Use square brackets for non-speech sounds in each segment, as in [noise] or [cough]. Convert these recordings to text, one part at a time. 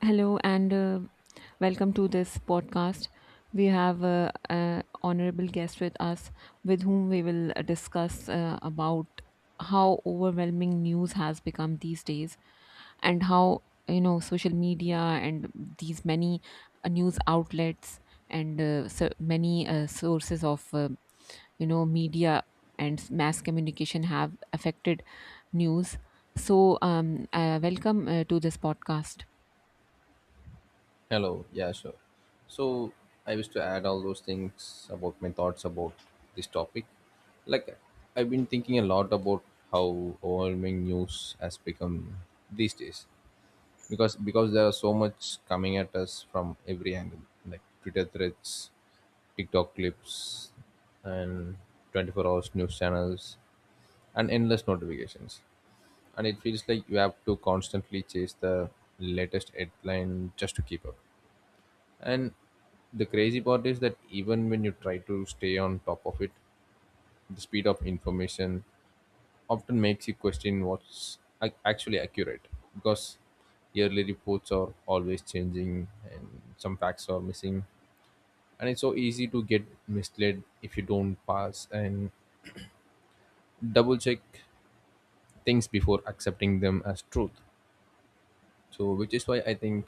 Hello and welcome to this podcast. We have an honorable guest with us with whom we will discuss about how overwhelming news has become these days and how social media and these many news outlets and so many sources of media and mass communication have affected news. Welcome to this podcast. Hello. Yeah, sure. So I wish to add all those things about my thoughts about this topic. Like I've been thinking a lot about how overwhelming news has become these days because there are so much coming at us from every angle like Twitter threads, TikTok clips, and 24 hours news channels, and endless notifications. And it feels like you have to constantly chase the latest headline just to keep up, and the crazy part is that even when you try to stay on top of it, the speed of information often makes you question what's actually accurate because yearly reports are always changing and some facts are missing. And it's so easy to get misled if you don't pass and double check things before accepting them as truth. So, which is why I think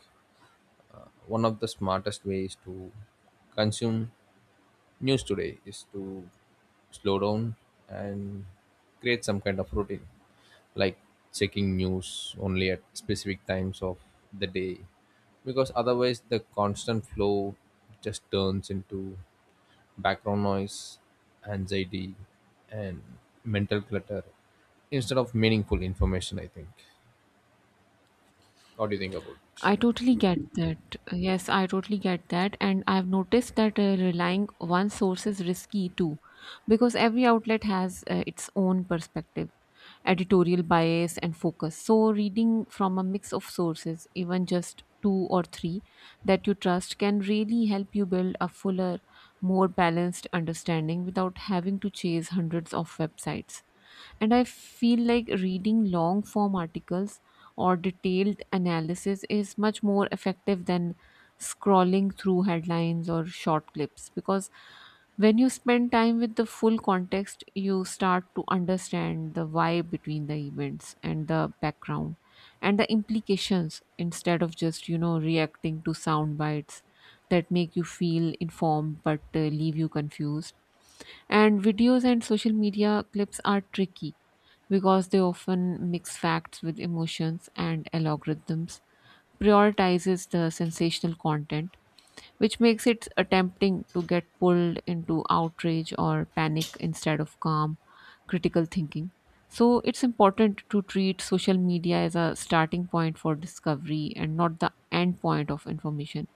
one of the smartest ways to consume news today is to slow down and create some kind of routine, like checking news only at specific times of the day, because otherwise the constant flow just turns into background noise, anxiety, and mental clutter instead of meaningful information, I think. What do you think about it? I totally get that. Yes, I totally get that. And I've noticed that relying one source is risky too, because every outlet has its own perspective, editorial bias, and focus. So, reading from a mix of sources, even just two or three that you trust, can really help you build a fuller, more balanced understanding without having to chase hundreds of websites. And I feel like reading long form articles or detailed analysis is much more effective than scrolling through headlines or short clips, because when you spend time with the full context, you start to understand the why between the events and the background and the implications, instead of just reacting to sound bites that make you feel informed but leave you confused. And videos and social media clips are tricky because they often mix facts with emotions, and algorithms prioritizes the sensational content, which makes it tempting to get pulled into outrage or panic instead of calm critical thinking. So it's important to treat social media as a starting point for discovery and not the end point of information.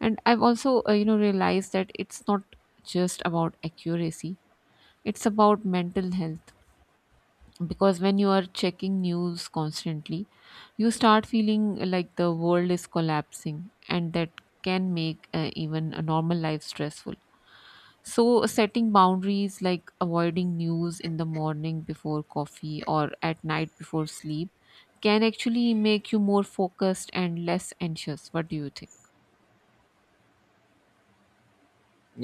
And I've also realized that it's not just about accuracy, it's about mental health, because when you are checking news constantly, you start feeling like the world is collapsing, and that can make even a normal life stressful. So, setting boundaries like avoiding news in the morning before coffee or at night before sleep can actually make you more focused and less anxious. What do you think?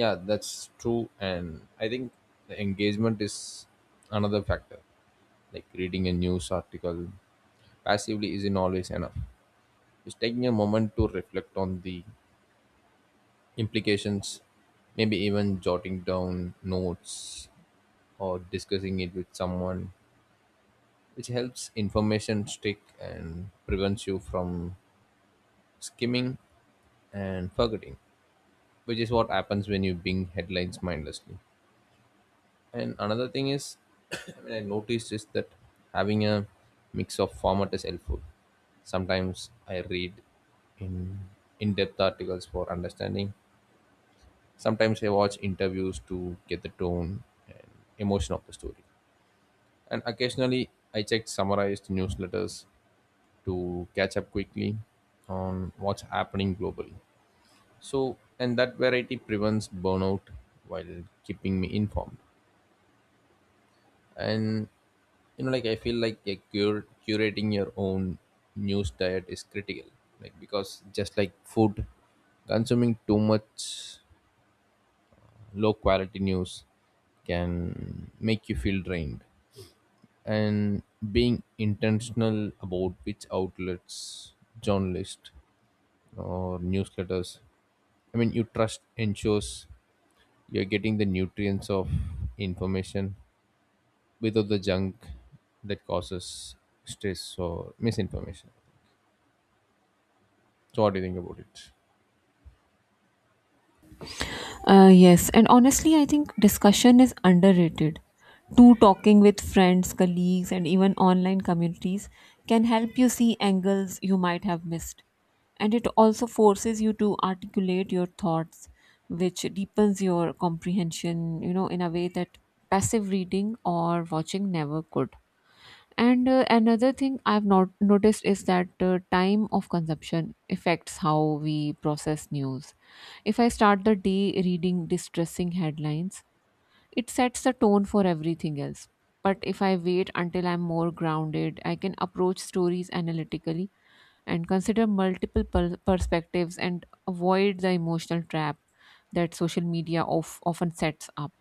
Yeah, that's true. And I think the engagement is another factor. Like reading a news article passively isn't always enough. Just taking a moment to reflect on the implications, maybe even jotting down notes or discussing it with someone, which helps information stick and prevents you from skimming and forgetting, which is what happens when you bing headlines mindlessly. And another thing is, [clears throat] I noticed is that having a mix of format is helpful. Sometimes I read in in-depth articles for understanding. Sometimes I watch interviews to get the tone and emotion of the story. And occasionally I check summarized newsletters to catch up quickly on what's happening globally. So, and that variety prevents burnout while keeping me informed. And you know, like, I feel like a curating your own news diet is critical, like because just like food, consuming too much low quality news can make you feel drained. And being intentional about which outlets, journalists, or newsletters, I mean, you trust ensures you're getting the nutrients of information without the junk that causes stress or misinformation. So what do you think about it? Yes, and honestly, I think discussion is underrated. Two talking with friends, colleagues, and even online communities can help you see angles you might have missed. And it also forces you to articulate your thoughts, which deepens your comprehension, you know, in a way that passive reading or watching never could. And another thing I've not noticed is that time of consumption affects how we process news. If I start the day reading distressing headlines, it sets the tone for everything else. But if I wait until I'm more grounded, I can approach stories analytically and consider perspectives and avoid the emotional trap that social media often sets up.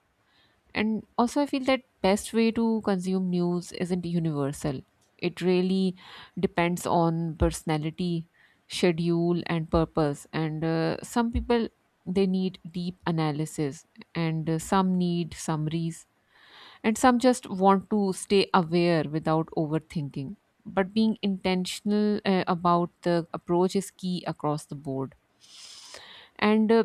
And also, I feel that best way to consume news isn't universal. It really depends on personality, schedule, and purpose. And some people they need deep analysis, and some need summaries, and some just want to stay aware without overthinking. But being intentional about the approach is key across the board. And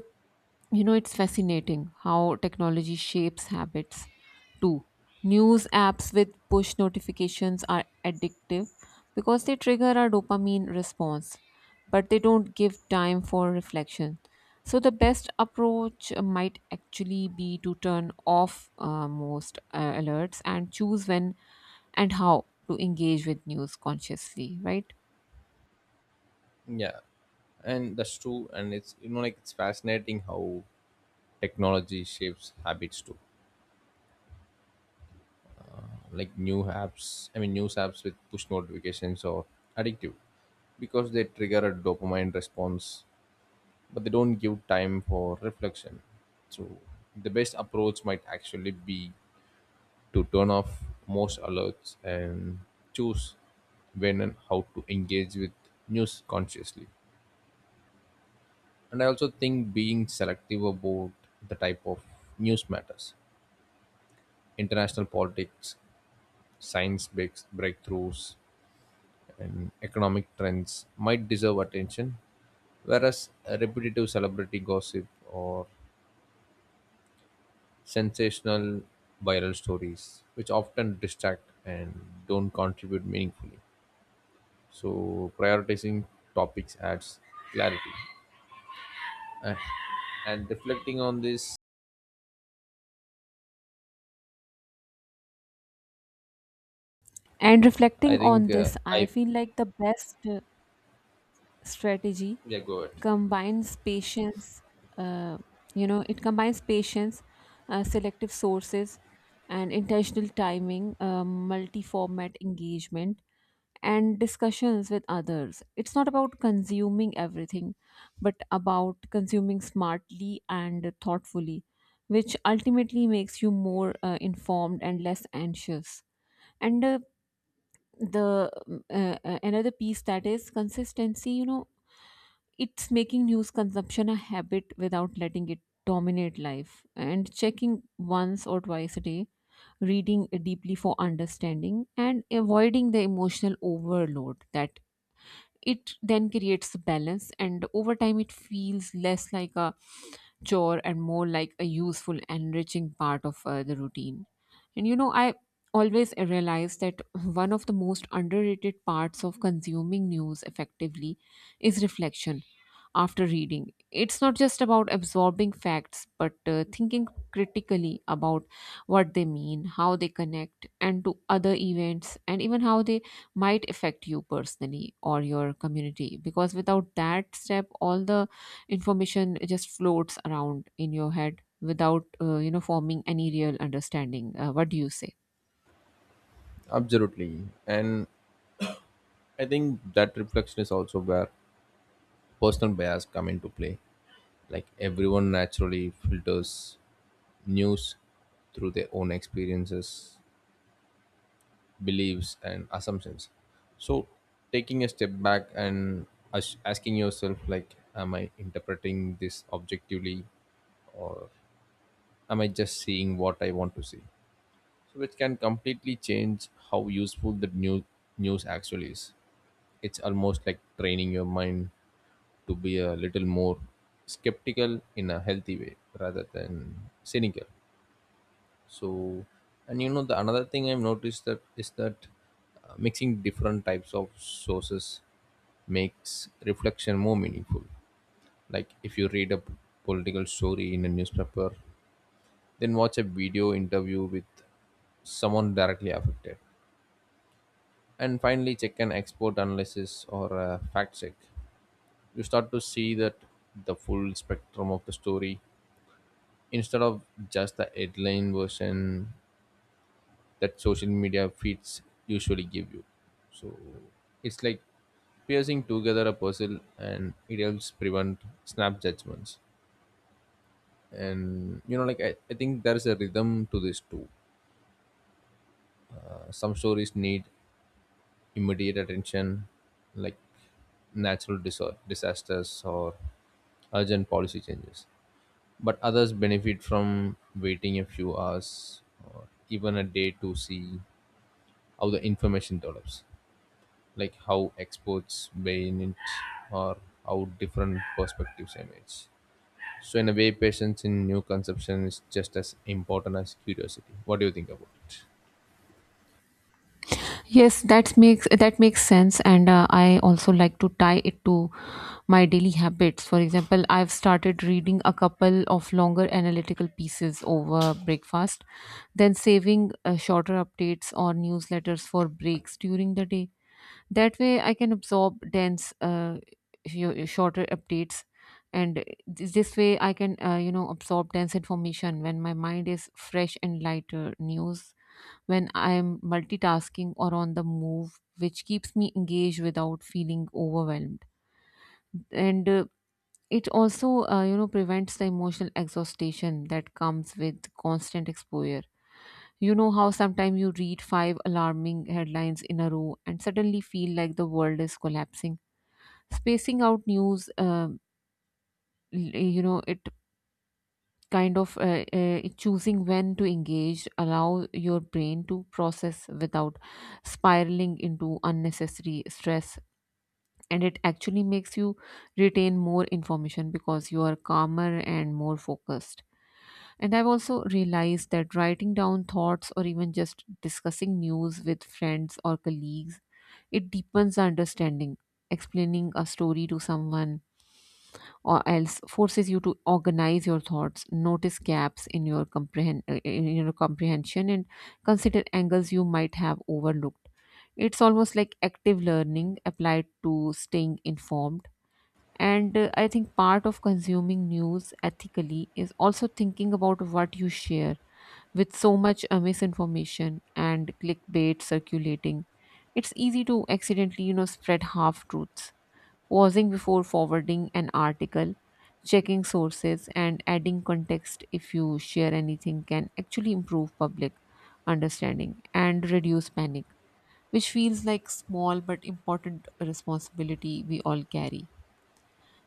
you know, it's fascinating how technology shapes habits too. News apps with push notifications are addictive because they trigger our dopamine response, but they don't give time for reflection. So, the best approach might actually be to turn off most alerts and choose when and how to engage with news consciously, right? Yeah, and that's true. And it's, you know, like, it's fascinating how technology shapes habits too. Like news apps with push notifications are addictive because they trigger a dopamine response, but they don't give time for reflection. So the best approach might actually be to turn off most alerts and choose when and how to engage with news consciously. And I also think being selective about the type of news matters. International politics, science breakthroughs, and economic trends might deserve attention, whereas repetitive celebrity gossip or sensational viral stories, which often distract and don't contribute meaningfully. So prioritizing topics adds clarity. And reflecting on this, And I reflecting think on uh, this, I I feel like the best strategy yeah, go ahead. combines patience, uh, you know it combines patience selective sources and intentional timing, multi-format engagement and discussions with others. It's not about consuming everything but about consuming smartly and thoughtfully, which ultimately makes you more informed and less anxious. And the another piece that is consistency, you know. It's making news consumption a habit without letting it dominate life, and checking once or twice a day, reading deeply for understanding, and avoiding the emotional overload that it then creates balance. And over time it feels less like a chore and more like a useful enriching part of the routine. And you know, I always realize that one of the most underrated parts of consuming news effectively is reflection after reading. It's not just about absorbing facts, but thinking critically about what they mean, how they connect, and to other events, and even how they might affect you personally or your community. Because without that step, all the information just floats around in your head without forming any real understanding. What do you say? Absolutely, and I think that reflection is also where personal bias come into play. Like everyone naturally filters news through their own experiences, beliefs, and assumptions. So taking a step back and asking yourself like, am I interpreting this objectively, or am I just seeing what I want to see? So, which can completely change how useful the news actually is. It's almost like training your mind to be a little more skeptical in a healthy way rather than cynical. So, and you know, the another thing I've noticed that is that mixing different types of sources makes reflection more meaningful. Like if you read a political story in a newspaper, then watch a video interview with someone directly affected, and finally check an expert analysis or a fact check, you start to see that the full spectrum of the story instead of just the headline version that social media feeds usually give you. So it's like piercing together a puzzle, and it helps prevent snap judgments. And you know, like, I think there's a rhythm to this too. Some stories need immediate attention, like natural disasters or urgent policy changes, but others benefit from waiting a few hours or even a day to see how the information develops, like how experts weigh in it, or how different perspectives emerge. So in a way, patience in new conception is just as important as curiosity. What do you think about it? Yes, that makes sense, and I also like to tie it to my daily habits. For example, I've started reading a couple of longer analytical pieces over breakfast, then saving shorter updates or newsletters for breaks during the day. That way, I can absorb dense, sh- shorter updates, and th- this way, I can absorb dense information when my mind is fresh and lighter. News when I'm multitasking or on the move, which keeps me engaged without feeling overwhelmed. And it also, you know, prevents the emotional exhaustion that comes with constant exposure. You know how sometimes you read five alarming headlines in a row and suddenly feel like the world is collapsing. Spacing out news, you know, it kind of choosing when to engage allow your brain to process without spiraling into unnecessary stress, and it actually makes you retain more information because you are calmer and more focused. And I've also realized that writing down thoughts or even just discussing news with friends or colleagues, it deepens our understanding. Explaining a story to someone or else forces you to organize your thoughts, notice gaps in your comprehension, and consider angles you might have overlooked. It's almost like active learning applied to staying informed. And I think part of consuming news ethically is also thinking about what you share. With so much misinformation and clickbait circulating, it's easy to accidentally spread half truths. Pausing before forwarding an article, checking sources, and adding context if you share anything can actually improve public understanding and reduce panic, which feels like small but important responsibility we all carry.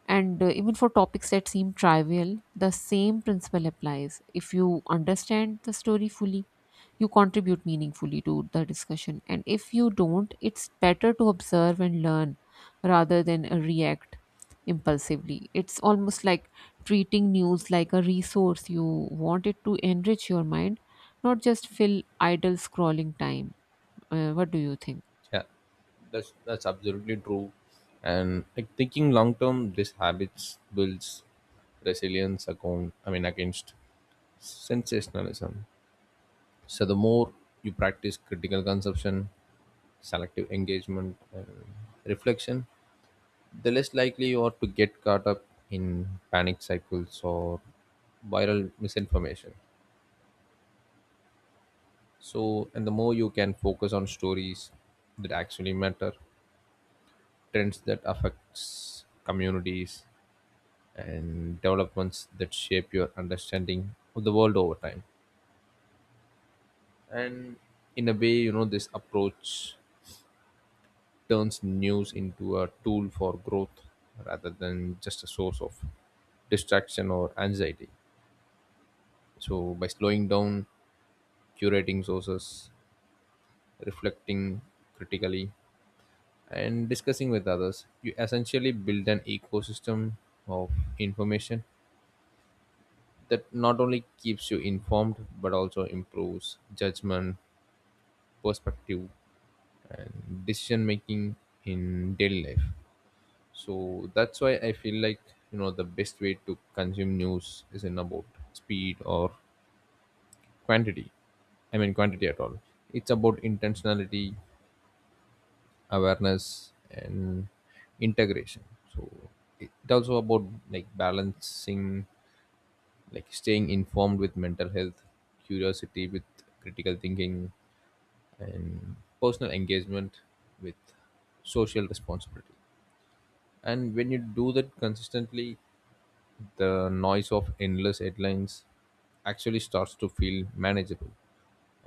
And even for topics that seem trivial, the same principle applies. If you understand the story fully, you contribute meaningfully to the discussion. And if you don't, it's better to observe and learn rather than react impulsively. It's almost like treating news like a resource. You want it to enrich your mind, not just fill idle scrolling time. What do you think? Yeah, that's absolutely true. And like thinking long term, this habits builds resilience account. I mean against sensationalism. So the more you practice critical consumption, selective engagement, and reflection, the less likely you are to get caught up in panic cycles or viral misinformation. So, and the more you can focus on stories that actually matter, trends that affects communities, and developments that shape your understanding of the world over time. And in a way, you know, this approach turns news into a tool for growth rather than just a source of distraction or anxiety. So, by slowing down, curating sources, reflecting critically, and discussing with others, you essentially build an ecosystem of information that not only keeps you informed but also improves judgment, perspective, and decision making in daily life. So that's why I feel like, you know, the best way to consume news isn't about speed or quantity I mean quantity at all. It's about intentionality, awareness, and integration. So it's also about, like, balancing like staying informed with mental health, curiosity with critical thinking, and personal engagement with social responsibility. And when you do that consistently, the noise of endless headlines actually starts to feel manageable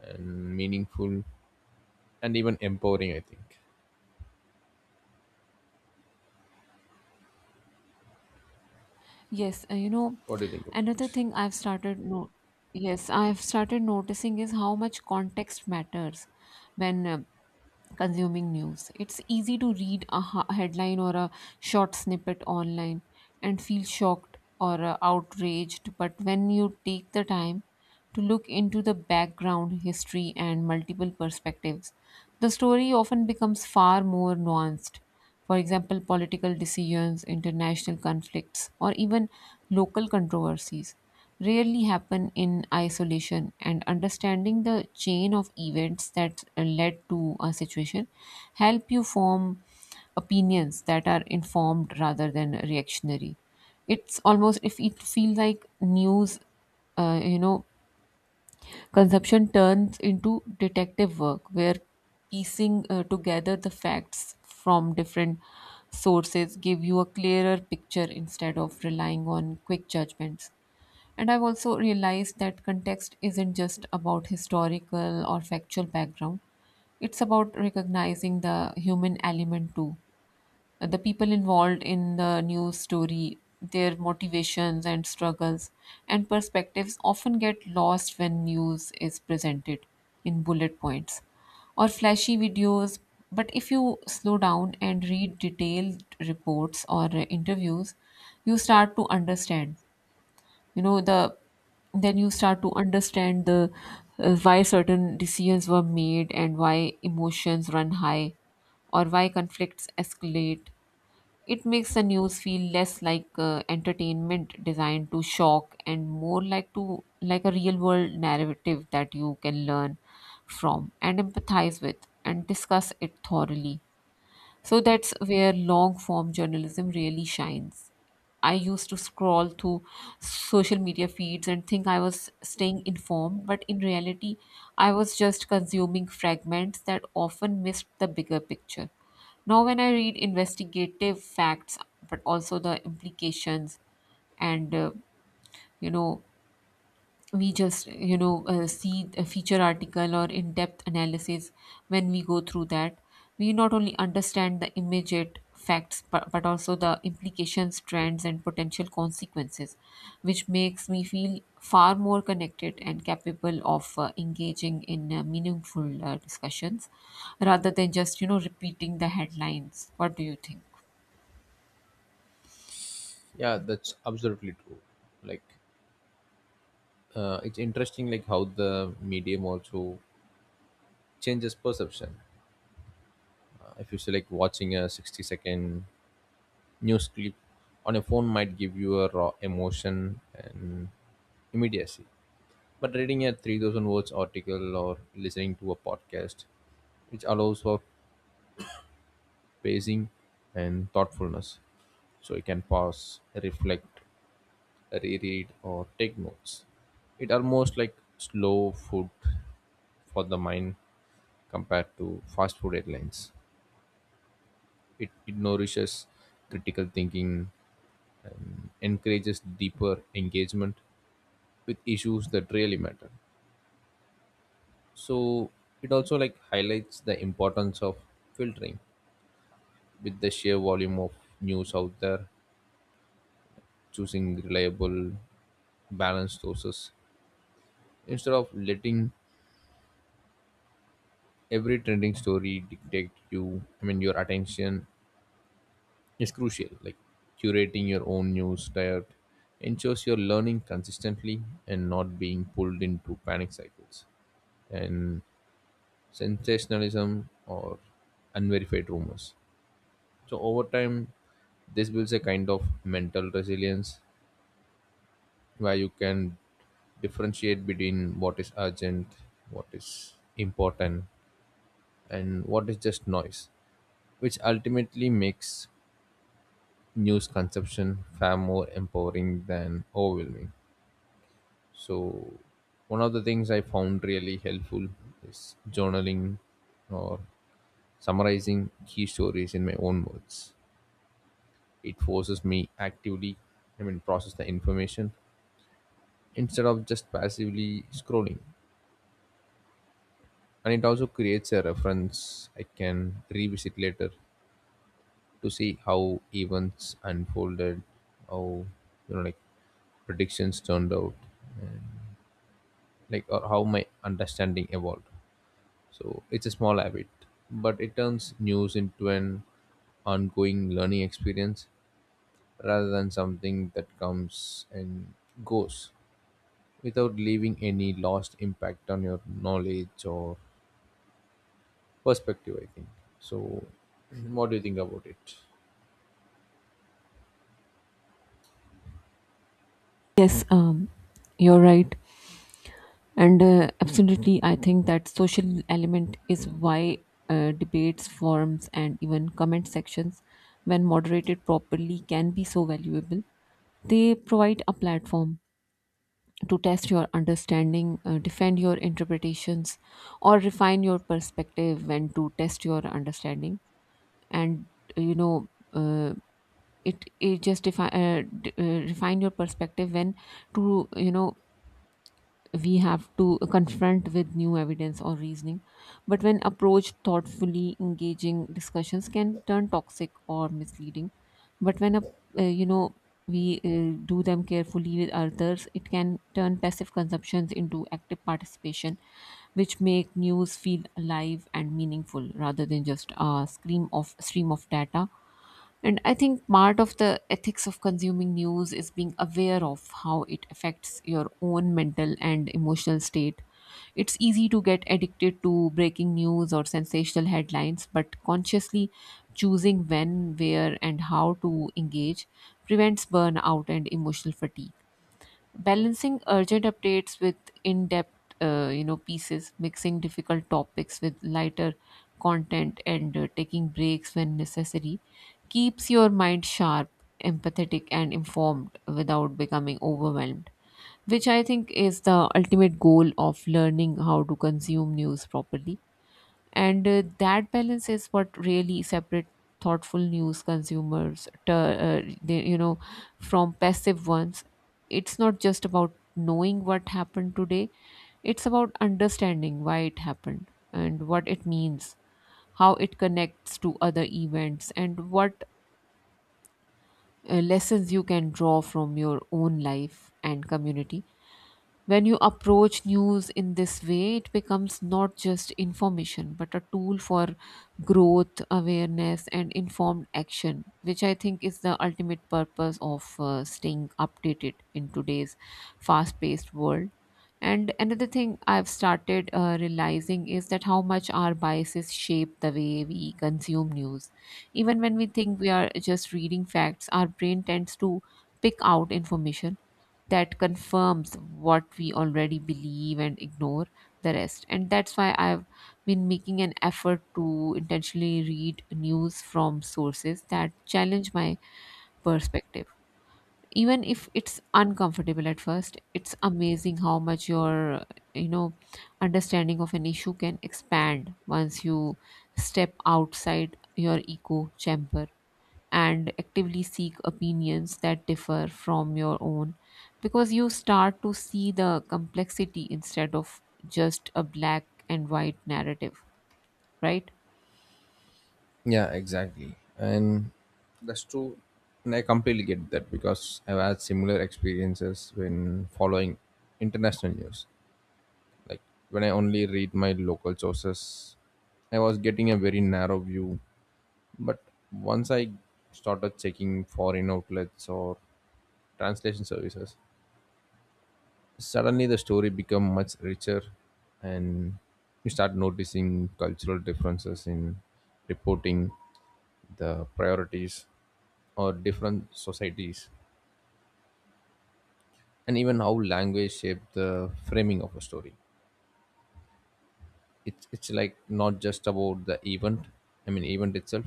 and meaningful and even empowering, I think. Yes, you know, What do you think about another it? thing I've started no yes, I've started noticing is how much context matters when consuming news. It's easy to read a headline or a short snippet online and feel shocked or outraged, but when you take the time to look into the background, history, and multiple perspectives, the story often becomes far more nuanced. For example, political decisions, international conflicts, or even local controversies rarely happen in isolation. And understanding the chain of events that led to a situation help you form opinions that are informed rather than reactionary. It's almost if it feels like news uh, you know consumption turns into detective work where piecing together the facts from different sources give you a clearer picture instead of relying on quick judgments. And I've also realized that context isn't just about historical or factual background, it's about recognizing the human element too. The people involved in the news story, their motivations and struggles and perspectives often get lost when news is presented in bullet points or flashy videos. But if you slow down and read detailed reports or interviews, you start to understand you know the then you start to understand the why certain decisions were made and why emotions run high or why conflicts escalate. It makes the news feel less like entertainment designed to shock and more like a real world narrative that you can learn from and empathize with and discuss it thoroughly. So that's where long form journalism really shines. I used to scroll through social media feeds and think I was staying informed, but in reality, I was just consuming fragments that often missed the bigger picture. Now, when I read investigative facts, but also the implications, and you know we just you know see a feature article or in-depth analysis, when we go through that we not only understand the immediate facts but also the implications, trends, and potential consequences, which makes me feel far more connected and capable of engaging in meaningful discussions rather than just repeating the headlines. What do you think? Yeah, that's absolutely true. Like, it's interesting, like how the medium also changes perception. If you say, like, watching a 60-second news clip on a phone might give you a raw emotion and immediacy. But reading a 3,000 words article or listening to a podcast, which allows for pacing and thoughtfulness. So you can pause, reflect, reread, or take notes. It almost like slow food for the mind compared to fast food headlines. It nourishes critical thinking, encourages deeper engagement with issues that really matter. So it also, like, highlights the importance of filtering. With the sheer volume of news out there, choosing reliable, balanced sources instead of letting every trending story dictate your attention is crucial. Like curating your own news diet ensures you're learning consistently and not being pulled into panic cycles and sensationalism or unverified rumors. So over time, this builds a kind of mental resilience where you can differentiate between what is urgent, what is important, and what is just noise, which ultimately makes news consumption far more empowering than overwhelming. So, one of the things I found really helpful is journaling or summarizing key stories in my own words. It forces me process the information instead of just passively scrolling. And it also creates a reference I can revisit later to see how events unfolded, how, you know, like predictions turned out, and like or how my understanding evolved. So it's a small habit, but it turns news into an ongoing learning experience rather than something that comes and goes without leaving any lost impact on your knowledge or perspective, I think. So [clears throat] what do you think about it? Yes, you're right. And absolutely, I think that social element is why debates, forums, and even comment sections, when moderated properly, can be so valuable. They provide a platform to test your understanding, defend your interpretations, or refine your perspective when to test your understanding. And you know, it it just defi- d- Refine your perspective when to you know we have to confront with new evidence or reasoning, but when approached thoughtfully engaging discussions can turn toxic or misleading. But when a, you know we do them carefully with others, it can turn passive consumptions into active participation, which make news feel alive and meaningful rather than just a scream of stream of data. And I think part of the ethics of consuming news is being aware of how it affects your own mental and emotional state. It's easy to get addicted to breaking news or sensational headlines, but consciously choosing when, where, and how to engage prevents burnout and emotional fatigue, balancing urgent updates with in-depth pieces, mixing difficult topics with lighter content, and taking breaks when necessary keeps your mind sharp, empathetic, and informed without becoming overwhelmed, which I think is the ultimate goal of learning how to consume news properly. And that balance is what really separate thoughtful news consumers to, they, you know from passive ones. It's not just about knowing what happened today, it's about understanding why it happened and what it means, how it connects to other events, and what lessons you can draw from your own life and community. When you approach news in this way, it becomes not just information, but a tool for growth, awareness, and informed action, which I think is the ultimate purpose of staying updated in today's fast paced world. And another thing I've started realizing is that how much our biases shape the way we consume news. Even when we think we are just reading facts, our brain tends to pick out information that confirms what we already believe and ignore the rest. And that's why I've been making an effort to intentionally read news from sources that challenge my perspective. Even if it's uncomfortable at first, it's amazing how much your, you know, understanding of an issue can expand once you step outside your echo chamber and actively seek opinions that differ from your own, because you start to see the complexity instead of just a black and white narrative, right? Yeah, exactly. And that's true. And I completely get that because I've had similar experiences when following international news. Like when I only read my local sources, I was getting a very narrow view. But once I started checking foreign outlets or translation services, suddenly the story become much richer, and you start noticing cultural differences in reporting, the priorities or different societies, and even how language shape the framing of a story. It's like not just about the event I mean event itself,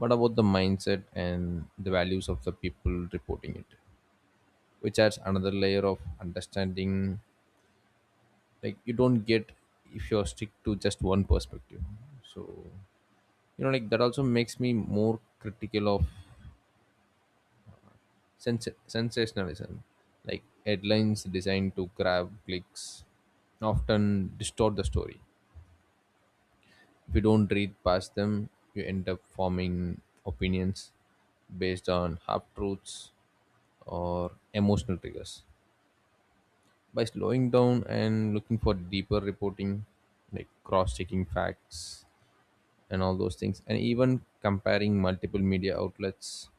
but about the mindset and the values of the people reporting it, which adds another layer of understanding, like you don't get if you're stick to just one perspective. So, you know, like that also makes me more critical of sensationalism. Like headlines designed to grab clicks often distort the story. If you don't read past them, you end up forming opinions based on half truths or emotional triggers. By slowing down and looking for deeper reporting, like cross-checking facts and all those things, and even comparing multiple media outlets,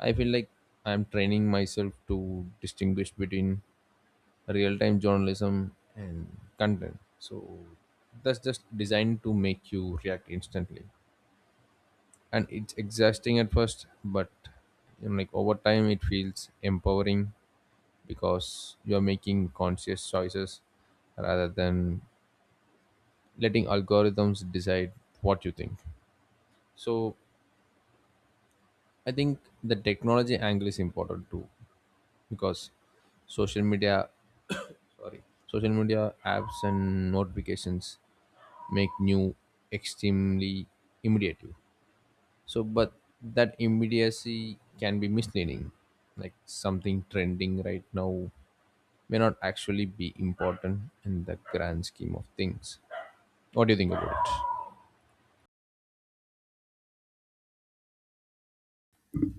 I feel like I'm training myself to distinguish between real-time journalism and content so that's just designed to make you react instantly. And it's exhausting at first, but, you know, like over time it feels empowering because you're making conscious choices rather than letting algorithms decide what you think. So I think the technology angle is important too because social media, social media apps and notifications make new extremely immediate. So, but that immediacy can be misleading. Like something trending right now may not actually be important in the grand scheme of things. What do you think about it?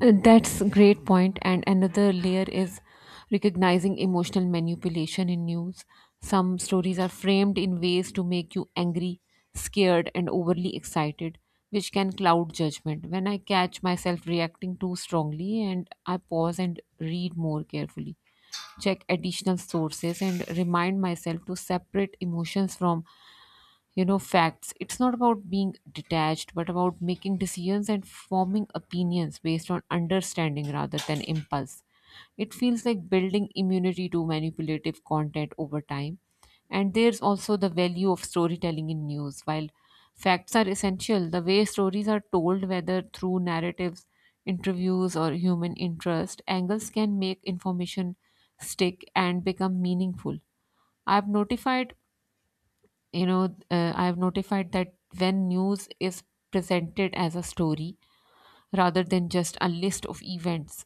That's a great point. And another layer is recognizing emotional manipulation in news. Some stories are framed in ways to make you angry, scared, and overly excited, which can cloud judgment. When I catch myself reacting too strongly, and I pause and read more carefully, check additional sources, and remind myself to separate emotions from facts. It's not about being detached but about making decisions and forming opinions based on understanding rather than impulse. It feels like building immunity to manipulative content over time. And there's also the value of storytelling in news. While facts are essential, the way stories are told, whether through narratives, interviews, or human interest angles, can make information stick and become meaningful. I've notified you know I have notified that when news is presented as a story rather than just a list of events,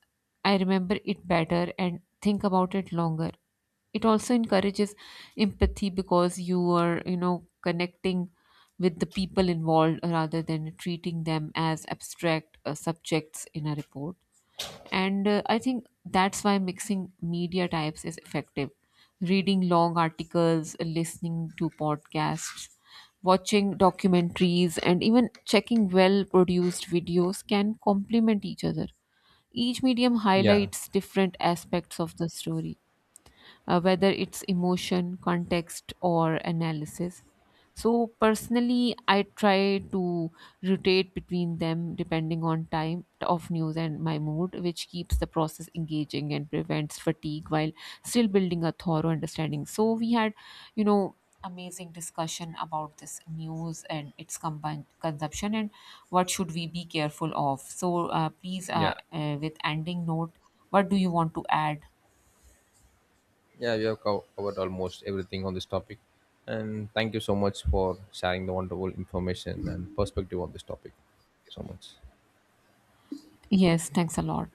I remember it better and think about it longer. It also encourages empathy, because you are connecting with the people involved rather than treating them as abstract subjects in a report. And I think that's why mixing media types is effective. Reading long articles, listening to podcasts, watching documentaries, and even checking well produced videos can complement each other. Each medium Yeah, highlights different aspects of the story, whether it's emotion, context, or analysis. So, personally, I try to rotate between them depending on time of news and my mood, which keeps the process engaging and prevents fatigue while still building a thorough understanding. So, we had, you know, amazing discussion about this news and its combined consumption and what should we be careful of. So, yeah. With ending note, what do you want to add? Yeah, we have covered almost everything on this topic. And thank you so much for sharing the wonderful information and perspective on this topic. Thank you so much. Yes, thanks a lot.